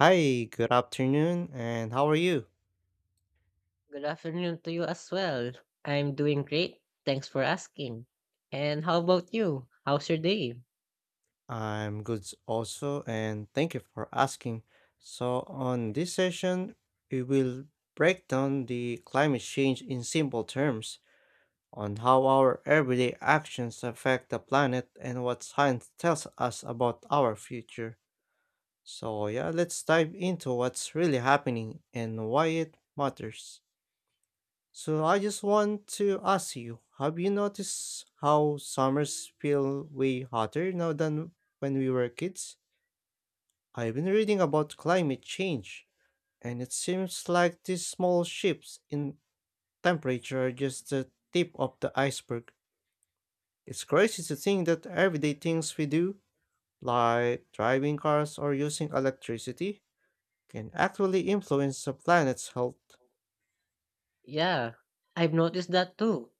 Hi, good afternoon, and how are you? Good afternoon to you as well. I'm doing great. Thanks for asking. And how about you? How's your day? I'm good also, and thank you for asking. So, on this session, we will break down the climate change in simple terms on how our everyday actions affect the planet and what science tells us about our future. So, yeah, let's dive into what's really happening and why it matters. So I just want to ask you, have you noticed how summers feel way hotter now than when we were kids? I've been reading about climate change, and it seems like these small shifts in temperature are just the tip of the iceberg. It's crazy to think that everyday things we do, like driving cars or using electricity, can actually influence the planet's health. Yeah, I've noticed that too.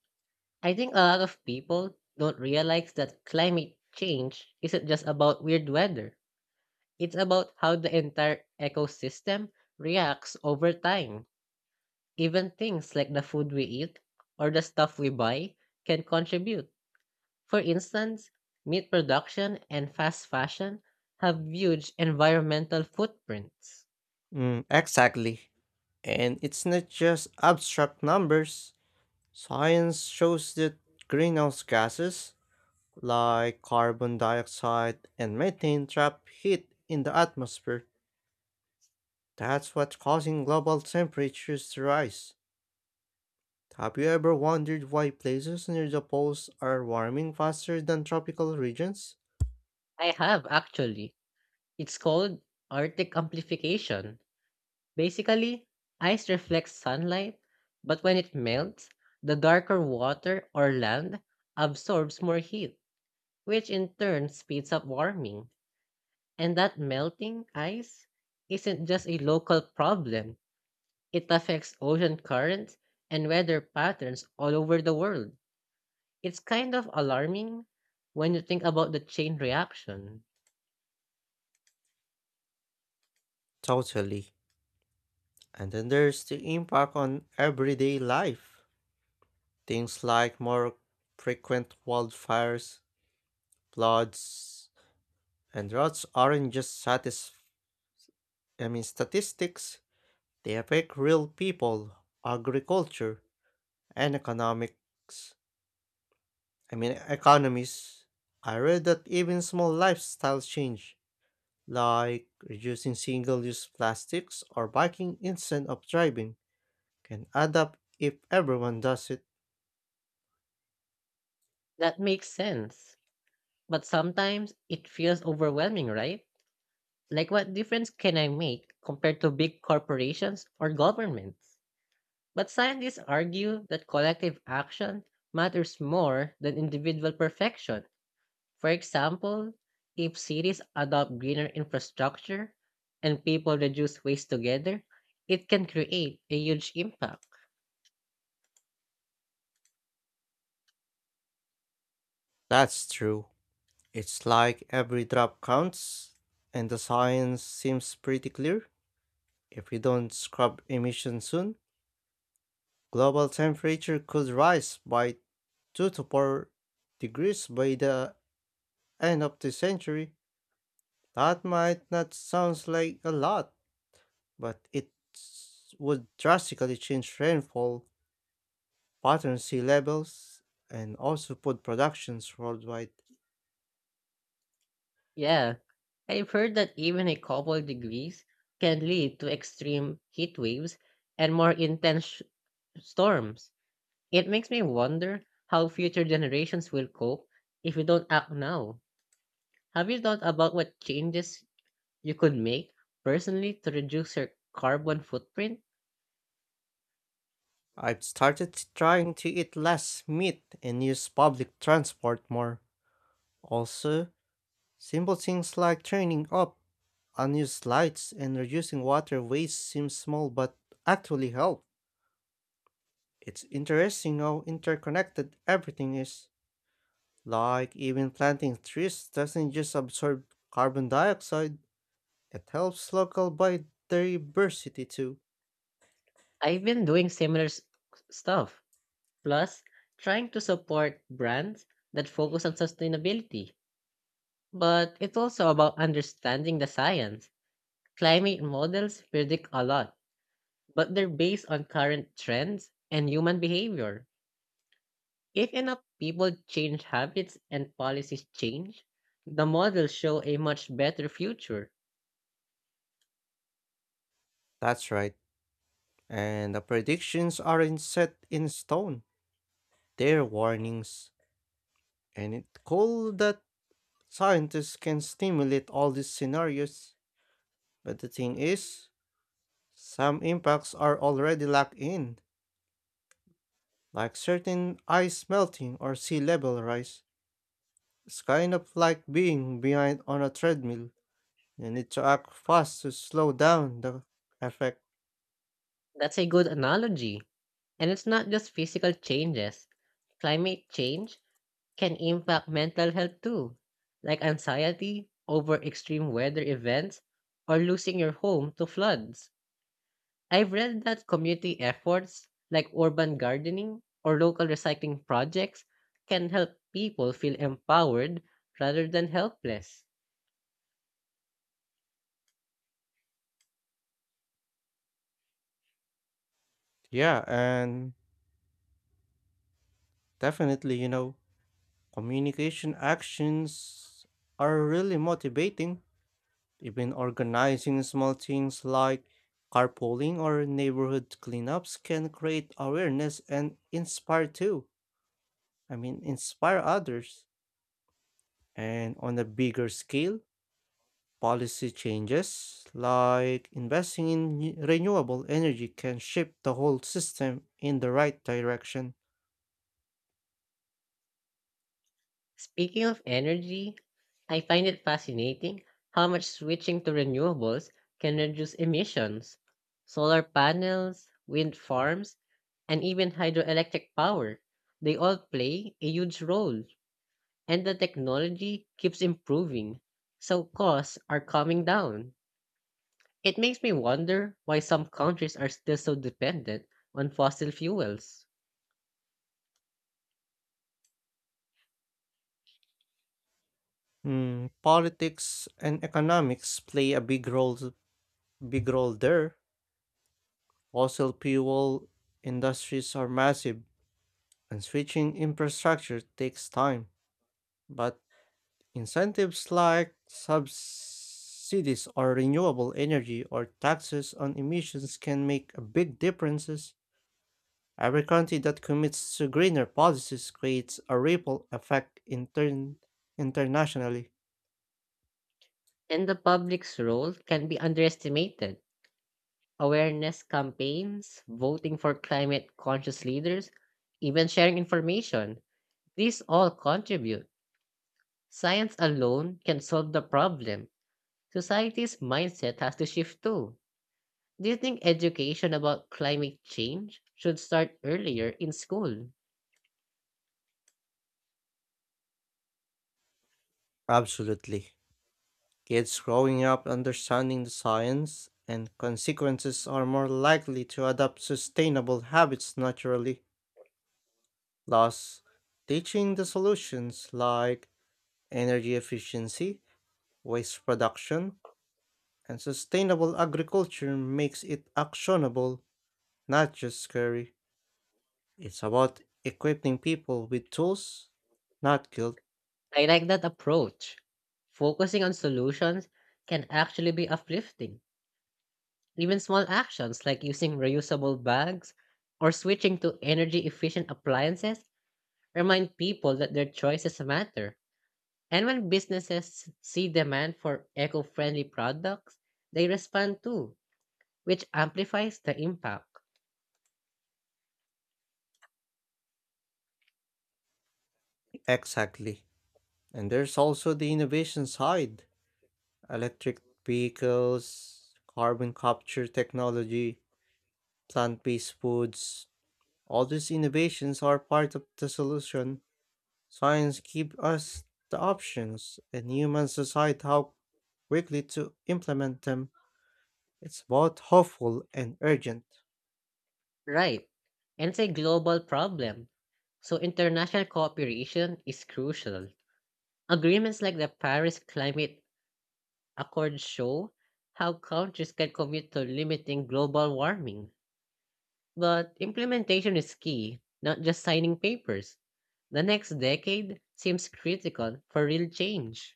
I think a lot of people don't realize that climate change isn't just about weird weather. It's about how the entire ecosystem reacts over time. Even things like the food we eat or the stuff we buy can contribute. For instance, meat production and fast fashion have huge environmental footprints. Mm, exactly. And it's not just abstract numbers. Science shows that greenhouse gases, like carbon dioxide and methane, trap heat in the atmosphere. That's what's causing global temperatures to rise. Have you ever wondered why places near the poles are warming faster than tropical regions? I have actually. It's called Arctic amplification. Basically, ice reflects sunlight, but when it melts, the darker water or land absorbs more heat, which in turn speeds up warming. And that melting ice isn't just a local problem, it affects ocean currents and weather patterns all over the world. It's kind of alarming when you think about the chain reaction. Totally. And then there's the impact on everyday life. Things like more frequent wildfires, floods, and droughts aren't just satisfying, I mean, statistics, they affect real people, agriculture, and economics. I mean, economies. I read that even small lifestyle change, like reducing single use plastics or biking instead of driving, can add up if everyone does it. That makes sense. But sometimes it feels overwhelming, right? Like, what difference can I make compared to big corporations or governments? But scientists argue that collective action matters more than individual perfection. For example, if cities adopt greener infrastructure and people reduce waste together, it can create a huge impact. That's true. It's like every drop counts, and the science seems pretty clear. If we don't scrub emissions soon, global temperature could rise by 2 to 4 degrees by the end of the century. That might not sound like a lot, but it would drastically change rainfall patterns, sea levels, and also food productions worldwide. Yeah, I've heard that even a couple degrees can lead to extreme heat waves and more intense storms. It makes me wonder how future generations will cope if we don't act now. Have you thought about what changes you could make personally to reduce your carbon footprint? I've started trying to eat less meat and use public transport more. Also, simple things like turning up unused lights and reducing water waste seem small but actually help. It's interesting how interconnected everything is. Like even planting trees doesn't just absorb carbon dioxide, it helps local biodiversity too. I've been doing similar stuff, plus trying to support brands that focus on sustainability. But it's also about understanding the science. Climate models predict a lot, but they're based on current trends and human behavior. If enough people change habits and policies change, the models show a much better future. That's right. And the predictions aren't set in stone. They're warnings. And it's cool that scientists can stimulate all these scenarios. But the thing is, some impacts are already locked in, like certain ice melting or sea level rise. It's kind of like being behind on a treadmill. You need to act fast to slow down the effect. That's a good analogy. And it's not just physical changes, climate change can impact mental health too, like anxiety over extreme weather events or losing your home to floods. I've read that community efforts like urban gardening or local recycling projects can help people feel empowered rather than helpless. Yeah, and definitely, communication actions are really motivating. Even organizing small things like carpooling or neighborhood cleanups can create awareness and inspire too. I mean, inspire others. And on a bigger scale, policy changes like investing in renewable energy can shift the whole system in the right direction. Speaking of energy, I find it fascinating how much switching to renewables can reduce emissions. Solar panels, wind farms, and even hydroelectric power, they all play a huge role, and the technology keeps improving, so costs are coming down. It makes me wonder why some countries are still so dependent on fossil fuels. Mm, politics and economics play a big role there. Fossil fuel industries are massive and switching infrastructure takes time, but incentives like subsidies or renewable energy or taxes on emissions can make a big differences. Every country that commits to greener policies creates a ripple effect internationally. And the public's role can be underestimated. Awareness campaigns, voting for climate conscious leaders, even sharing information. These all contribute. Science alone can solve the problem. Society's mindset has to shift too. Do you think education about climate change should start earlier in school? Absolutely. Kids growing up understanding the science and consequences are more likely to adopt sustainable habits naturally. Thus, teaching the solutions like energy efficiency, waste production and sustainable agriculture makes it actionable, not just scary. It's about equipping people with tools, not guilt. I like that approach. Focusing on solutions can actually be uplifting. Even small actions like using reusable bags or switching to energy efficient appliances remind people that their choices matter. And when businesses see demand for eco friendly products, they respond too, which amplifies the impact. Exactly. And there's also the innovation side: electric vehicles, carbon capture technology, plant based foods. All these innovations are part of the solution. Science gives us the options, and humans decide how quickly to implement them. It's both hopeful and urgent. Right. And it's a global problem. So international cooperation is crucial. Agreements like the Paris Climate accords show how countries can commit to limiting global warming. But implementation is key, not just signing papers. The next decade seems critical for real change.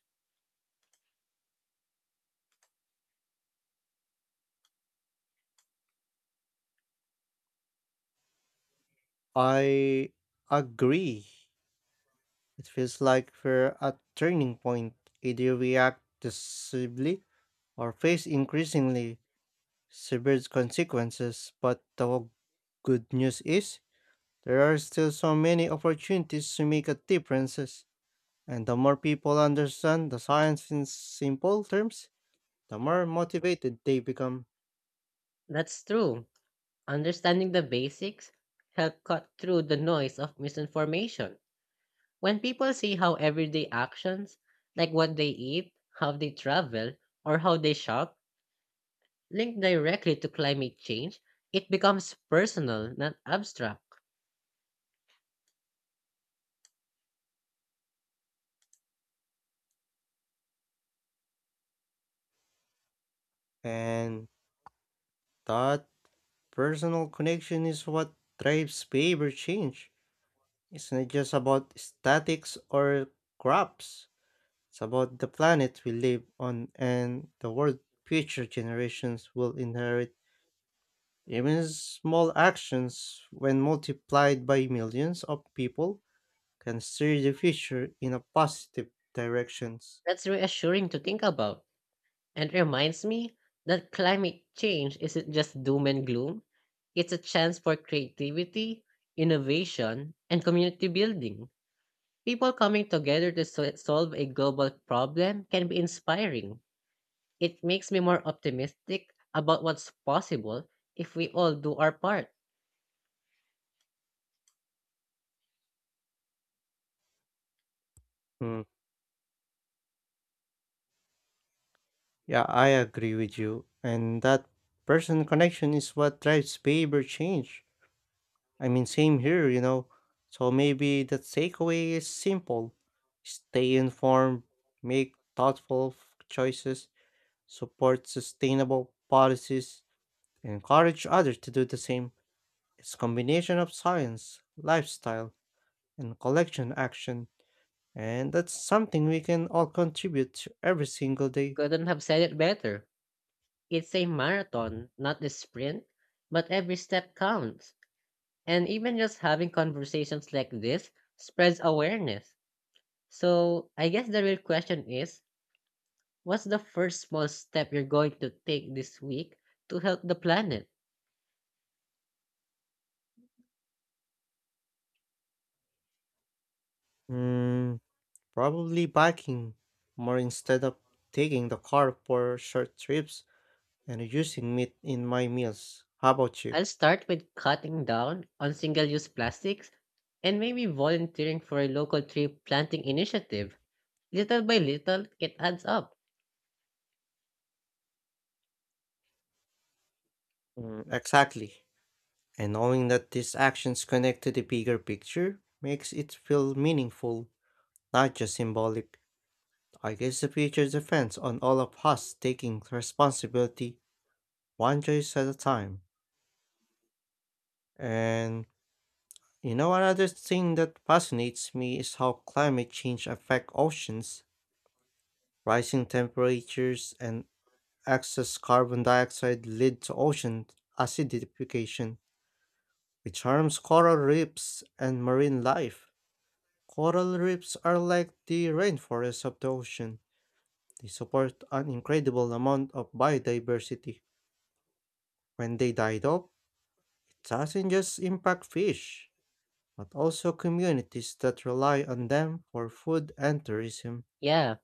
I agree. It feels like we're at turning point. Either we act decisively or face increasingly severe consequences. But the good news is there are still so many opportunities to make a difference. And the more people understand the science in simple terms, the more motivated they become. That's true. Understanding the basics help cut through the noise of misinformation. When people see how everyday actions, like what they eat, how they travel, or how they shop, link directly to climate change, it becomes personal, not abstract. And that personal connection is what drives behavior change. It's not just about statics or crops. It's about the planet we live on and the world future generations will inherit. Even small actions, when multiplied by millions of people, can steer the future in a positive directions. That's reassuring to think about and reminds me that climate change isn't just doom and gloom, it's a chance for creativity, innovation, and community building. People coming together to solve a global problem can be inspiring. It makes me more optimistic about what's possible if we all do our part. Hmm. Yeah, I agree with you. And that personal connection is what drives behavior change. I mean, same here. So maybe the takeaway is simple: stay informed, make thoughtful choices, support sustainable policies, and encourage others to do the same. It's a combination of science, lifestyle, and collection action. And that's something we can all contribute to every single day. Couldn't have said it better. It's a marathon, not a sprint, but every step counts. And even just having conversations like this spreads awareness. So I guess the real question is, what's the first small step you're going to take this week to help the planet? Mm, probably biking more instead of taking the car for short trips and using meat in my meals. How about you? I'll start with cutting down on single use plastics and maybe volunteering for a local tree planting initiative. Little by little, it adds up. Mm, exactly. And knowing that these actions connect to the bigger picture makes it feel meaningful, not just symbolic. I guess the future depends on all of us taking responsibility one choice at a time. And you know another thing that fascinates me is how climate change affects oceans. Rising temperatures and excess carbon dioxide lead to ocean acidification, which harms coral reefs and marine life. Coral reefs are like the rainforests of the ocean. They support an incredible amount of biodiversity. When they died off, it doesn't just impact fish, but also communities that rely on them for food and tourism. Yeah,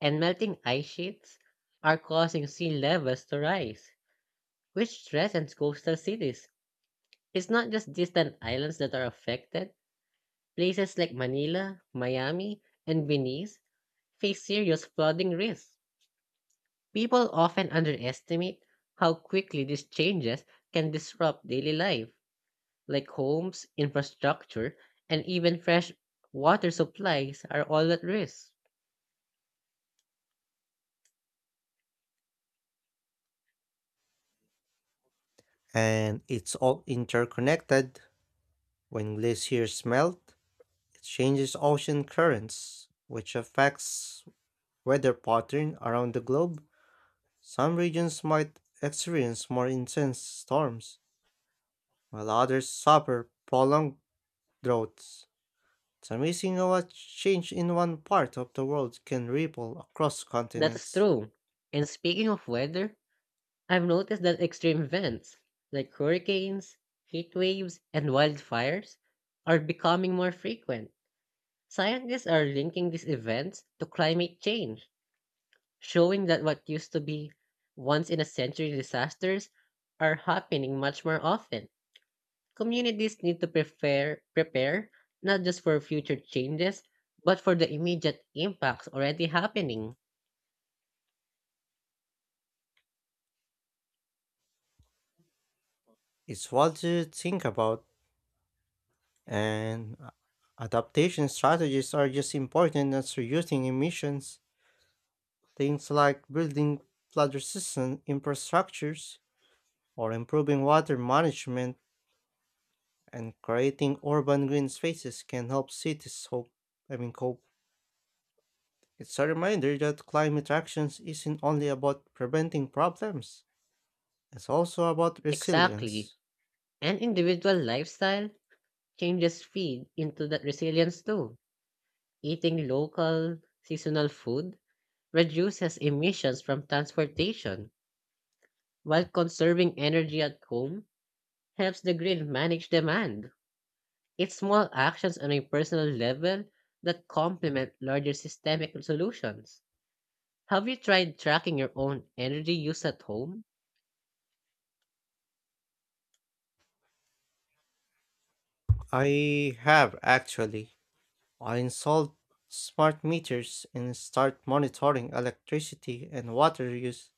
and melting ice sheets are causing sea levels to rise, which threatens coastal cities. It's not just distant islands that are affected. Places like Manila, Miami, and Venice face serious flooding risks. People often underestimate how quickly these changes can disrupt daily life, like homes, infrastructure, and even fresh water supplies are all at risk. And it's all interconnected. When glaciers melt, it changes ocean currents, which affects weather pattern around the globe. Some regions might experience more intense storms, while others suffer prolonged droughts. It's amazing how a change in one part of the world can ripple across That is continents. true. And speaking of weather, I've noticed that extreme events like hurricanes, heat waves, and wildfires are becoming more frequent. Scientists are linking these events to climate change, showing that what used to be once in a century disasters are happening much more often. Communities need to prepare not just for future changes, but for the immediate impacts already happening. It's what to think about, and a- adaptation strategies are just important as reducing emissions. Things like building flood resistant infrastructures or improving water management and creating urban green spaces can help cities hope, I mean, cope. It's a reminder that climate actions isn't only about preventing problems, it's also about Exactly. resilience. And individual lifestyle changes feed into that resilience too. Eating local, seasonal food reduces emissions from transportation while conserving energy at home helps the grid manage demand. It's small actions on a personal level that complement larger systemic solutions. Have you tried tracking your own energy use at home? I have actually. I installed smart meters and start monitoring electricity and water use.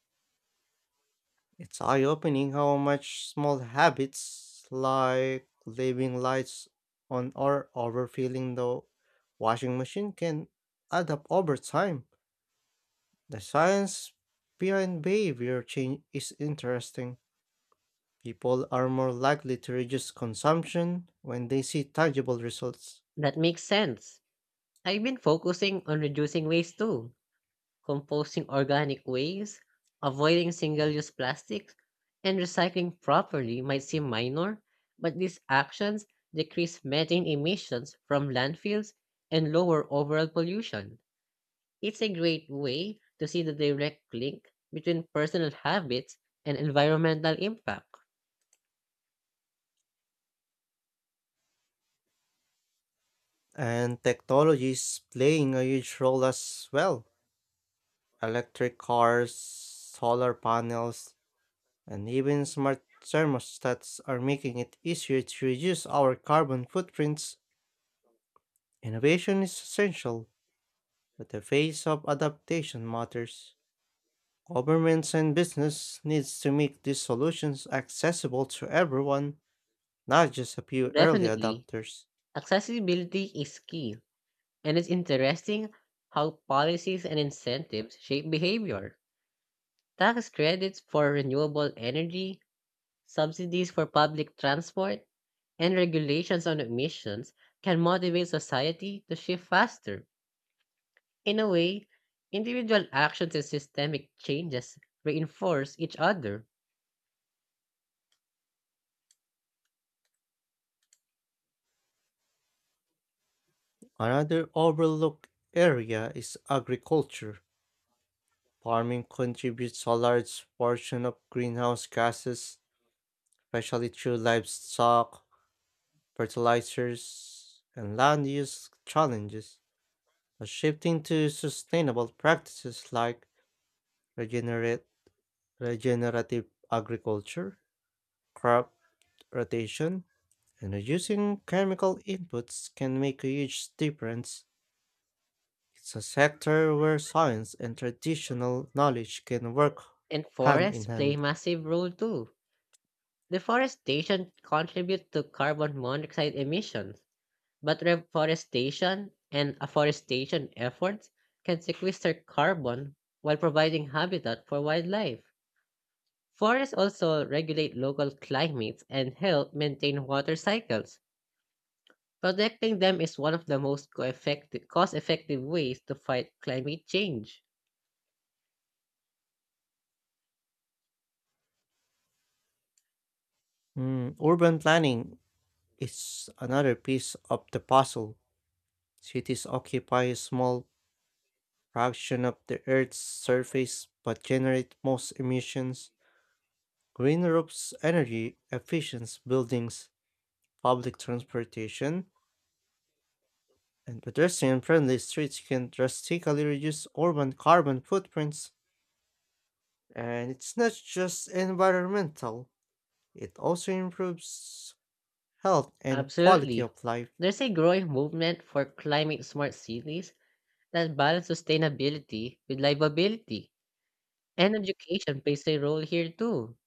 It's eye-opening how much small habits like leaving lights on or overfilling the washing machine can add up over time. The science behind behavior change is interesting. People are more likely to reduce consumption when they see tangible results. That makes sense. I've been focusing on reducing waste too. Composting organic waste, avoiding single-use plastics, and recycling properly might seem minor, but these actions decrease methane emissions from landfills and lower overall pollution. It's a great way to see the direct link between personal habits and environmental impact. And technology is playing a huge role as well. Electric cars, solar panels, and even smart thermostats are making it easier to reduce our carbon footprints. Innovation is essential, but the pace of adaptation matters. Governments and business needs to make these solutions accessible to everyone, not just a few early Definitely, adopters. accessibility is key, and it's interesting how policies and incentives shape behavior. Tax credits for renewable energy, subsidies for public transport, and regulations on emissions can motivate society to shift faster. In a way, individual actions and systemic changes reinforce each other, Another overlooked area is agriculture. Farming contributes a large portion of greenhouse gases, especially through livestock, fertilizers, and land use challenges, but shifting to sustainable practices like regenerate, regenerative agriculture, crop rotation, and reducing chemical inputs can make a huge difference. It's a sector where science and traditional knowledge can work and hand in forests play a hand. massive role too. Deforestation contributes to carbon monoxide emissions, but reforestation and afforestation efforts can sequester carbon while providing habitat for wildlife. Forests also regulate local climates and help maintain water cycles. Protecting them is one of the most cost-effective ways to fight climate change. Mm, urban planning is another piece of the puzzle. Cities occupy a small fraction of the Earth's surface but generate most emissions. Green roofs, energy efficient buildings, public transportation, and pedestrian friendly streets can drastically reduce urban carbon footprints. And it's not just environmental, it also improves health and quality Absolutely. of life. There's a growing movement for climate-smart cities that balance sustainability with livability. And education plays a role here too.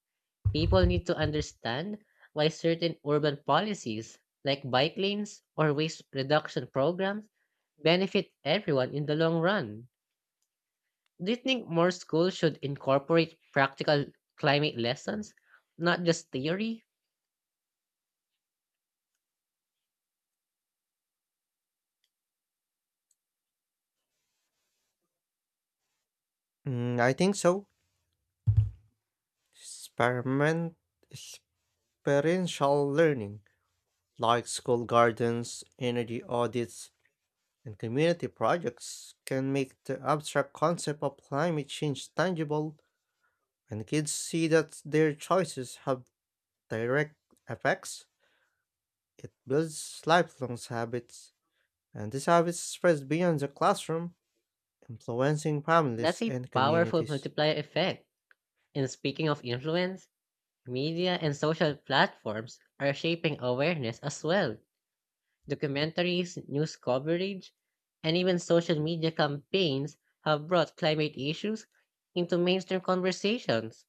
People need to understand why certain urban policies, like bike lanes or waste reduction programs, benefit everyone in the long run. Do you think more schools should incorporate practical climate lessons, not just theory? Mm, I think so. Experiment, experiential learning, like school gardens, energy audits, and community projects can make the abstract concept of climate change tangible when kids see that their choices have direct effects. It builds lifelong habits, and these habits spread beyond the classroom, influencing That's families a and powerful communities. multiplier effect. And speaking of influence, media and social platforms are shaping awareness as well. Documentaries, news coverage, and even social media campaigns have brought climate issues into mainstream conversations.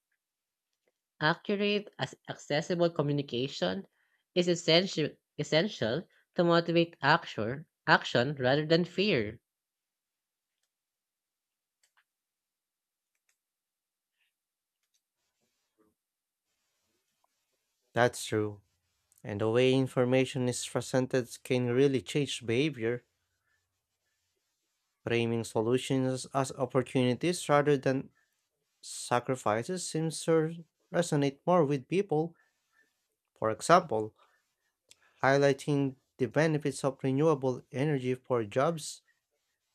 Accurate, as accessible communication is essential to motivate action rather than fear, That's true. And the way information is presented can really change behavior. Framing solutions as opportunities rather than sacrifices seems to resonate more with people. For example, highlighting the benefits of renewable energy for jobs,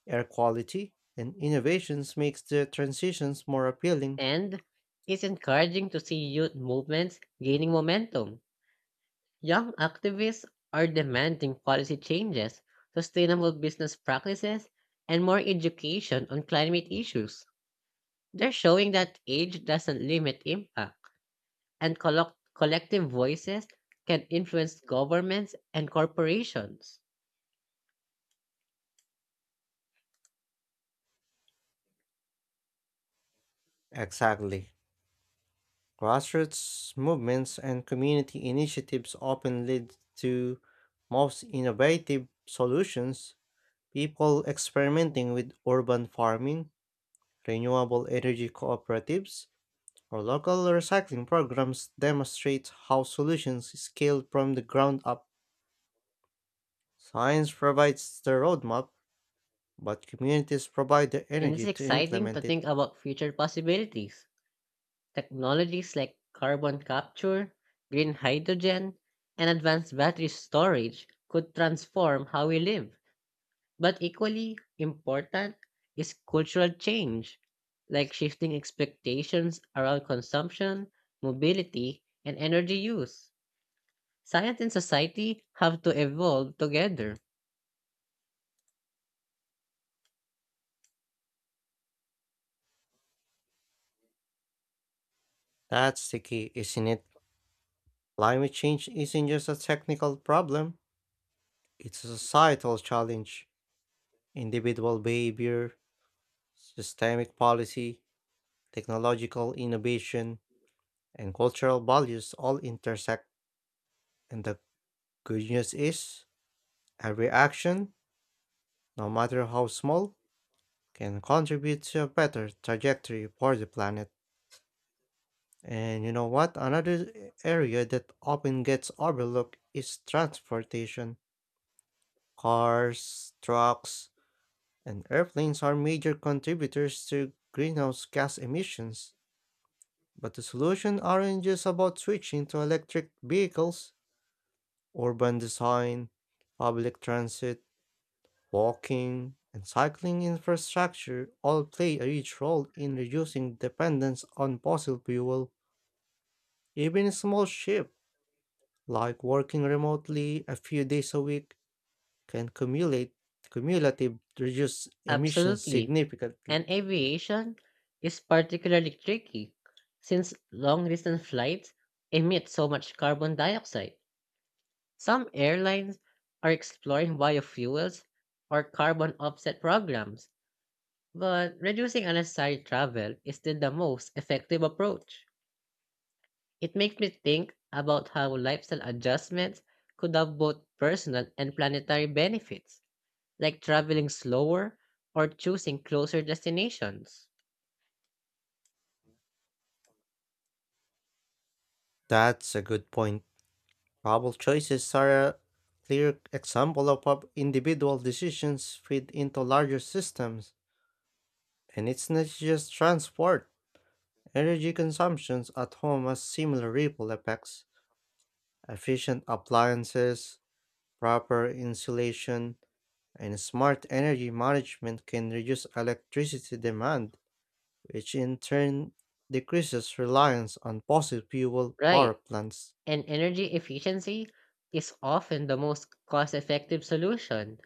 air quality, and innovations makes the transitions more appealing. and it's encouraging to see youth movements gaining momentum. Young activists are demanding policy changes, sustainable business practices, and more education on climate issues. They're showing that age doesn't limit impact, and collective voices can influence governments and corporations. Exactly. Grassroots movements and community initiatives often lead to most innovative solutions. People experimenting with urban farming, renewable energy cooperatives, or local recycling programs demonstrate how solutions scale from the ground up. Science provides the roadmap, but communities provide the And it's energy to exciting to implement it. think about future possibilities. Technologies like carbon capture, green hydrogen, and advanced battery storage could transform how we live. But equally important is cultural change, like shifting expectations around consumption, mobility, and energy use. Science and society have to evolve together. That's the key, isn't it? Climate change isn't just a technical problem, it's a societal challenge. Individual behavior, systemic policy, technological innovation, and cultural values all intersect. And the good news is, every action, no matter how small, can contribute to a better trajectory for the planet. And you know what? Another area that often gets overlooked is transportation. Cars, trucks, and airplanes are major contributors to greenhouse gas emissions. But the solution aren't just about switching to electric vehicles. Urban design, public transit, walking, and cycling infrastructure all play a huge role in reducing dependence on fossil fuel. Even a small shift like working remotely a few days a week can cumulate cumulative reduce emissions Absolutely. significantly. And aviation is particularly tricky since long distance flights emit so much carbon dioxide. Some airlines are exploring biofuels or carbon offset programs, but reducing unnecessary travel is still the most effective approach. It makes me think about how lifestyle adjustments could have both personal and planetary benefits, like traveling slower or choosing closer destinations. That's a good point. Travel choices are a clear example of how individual decisions fit into larger systems. And it's not just transport. Energy consumptions at home has similar ripple effects. Efficient appliances, proper insulation, and smart energy management can reduce electricity demand which in turn decreases reliance on fossil fuel power Right. plants. And energy efficiency is often the most cost effective solution.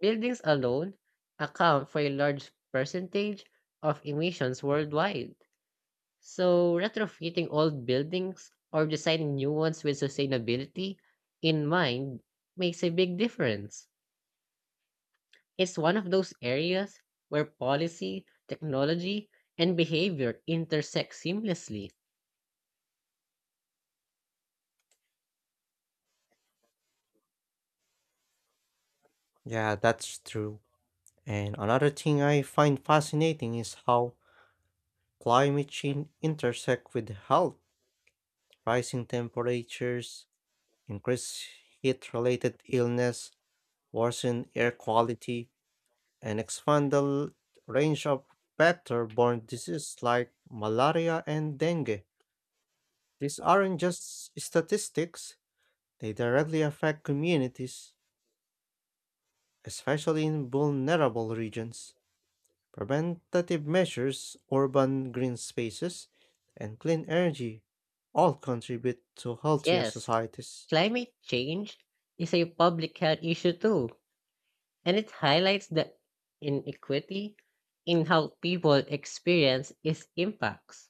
Buildings alone account for a large percentage of emissions worldwide. So, retrofitting old buildings or designing new ones with sustainability in mind makes a big difference. It's one of those areas where policy, technology, and behavior intersect seamlessly. Yeah, that's true. And another thing I find fascinating is how climate change intersect with health. Rising temperatures, increased heat-related illness, worsen air quality, and expand the range of vector-borne diseases like malaria and dengue. These aren't just statistics, they directly affect communities especially in vulnerable regions. Preventative measures, urban green spaces, and clean energy all contribute to healthier Yes, societies. climate change is a public health issue too, and it highlights the inequity in how people experience its impacts.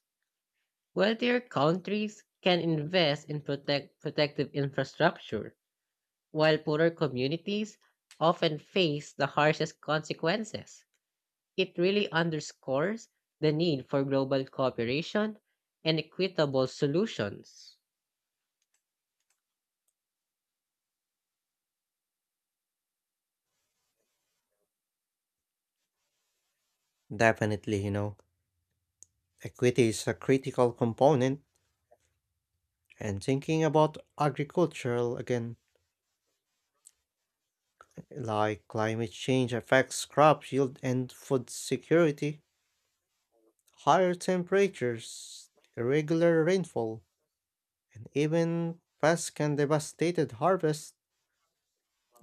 Wealthier countries can invest in protective infrastructure, while poorer communities often face the harshest consequences. It really underscores the need for global cooperation and equitable solutions. Definitely, equity is a critical component, and thinking about agricultural again, like climate change affects crop yield and food security, higher temperatures, irregular rainfall, and even pests can devastate harvests.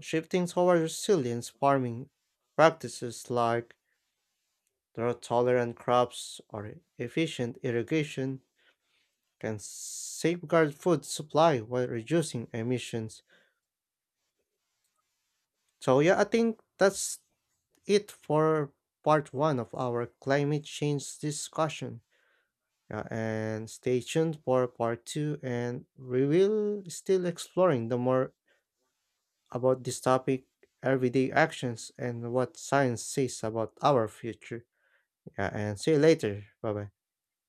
Shifting toward resilient farming practices like drought-tolerant crops or efficient irrigation can safeguard food supply while reducing emissions. So yeah, I think that's it for part one of our climate change discussion. Yeah, and stay tuned for part two, and we will still exploring the more about this topic, everyday actions, and what science says about our future. Yeah, and see you later. Bye bye.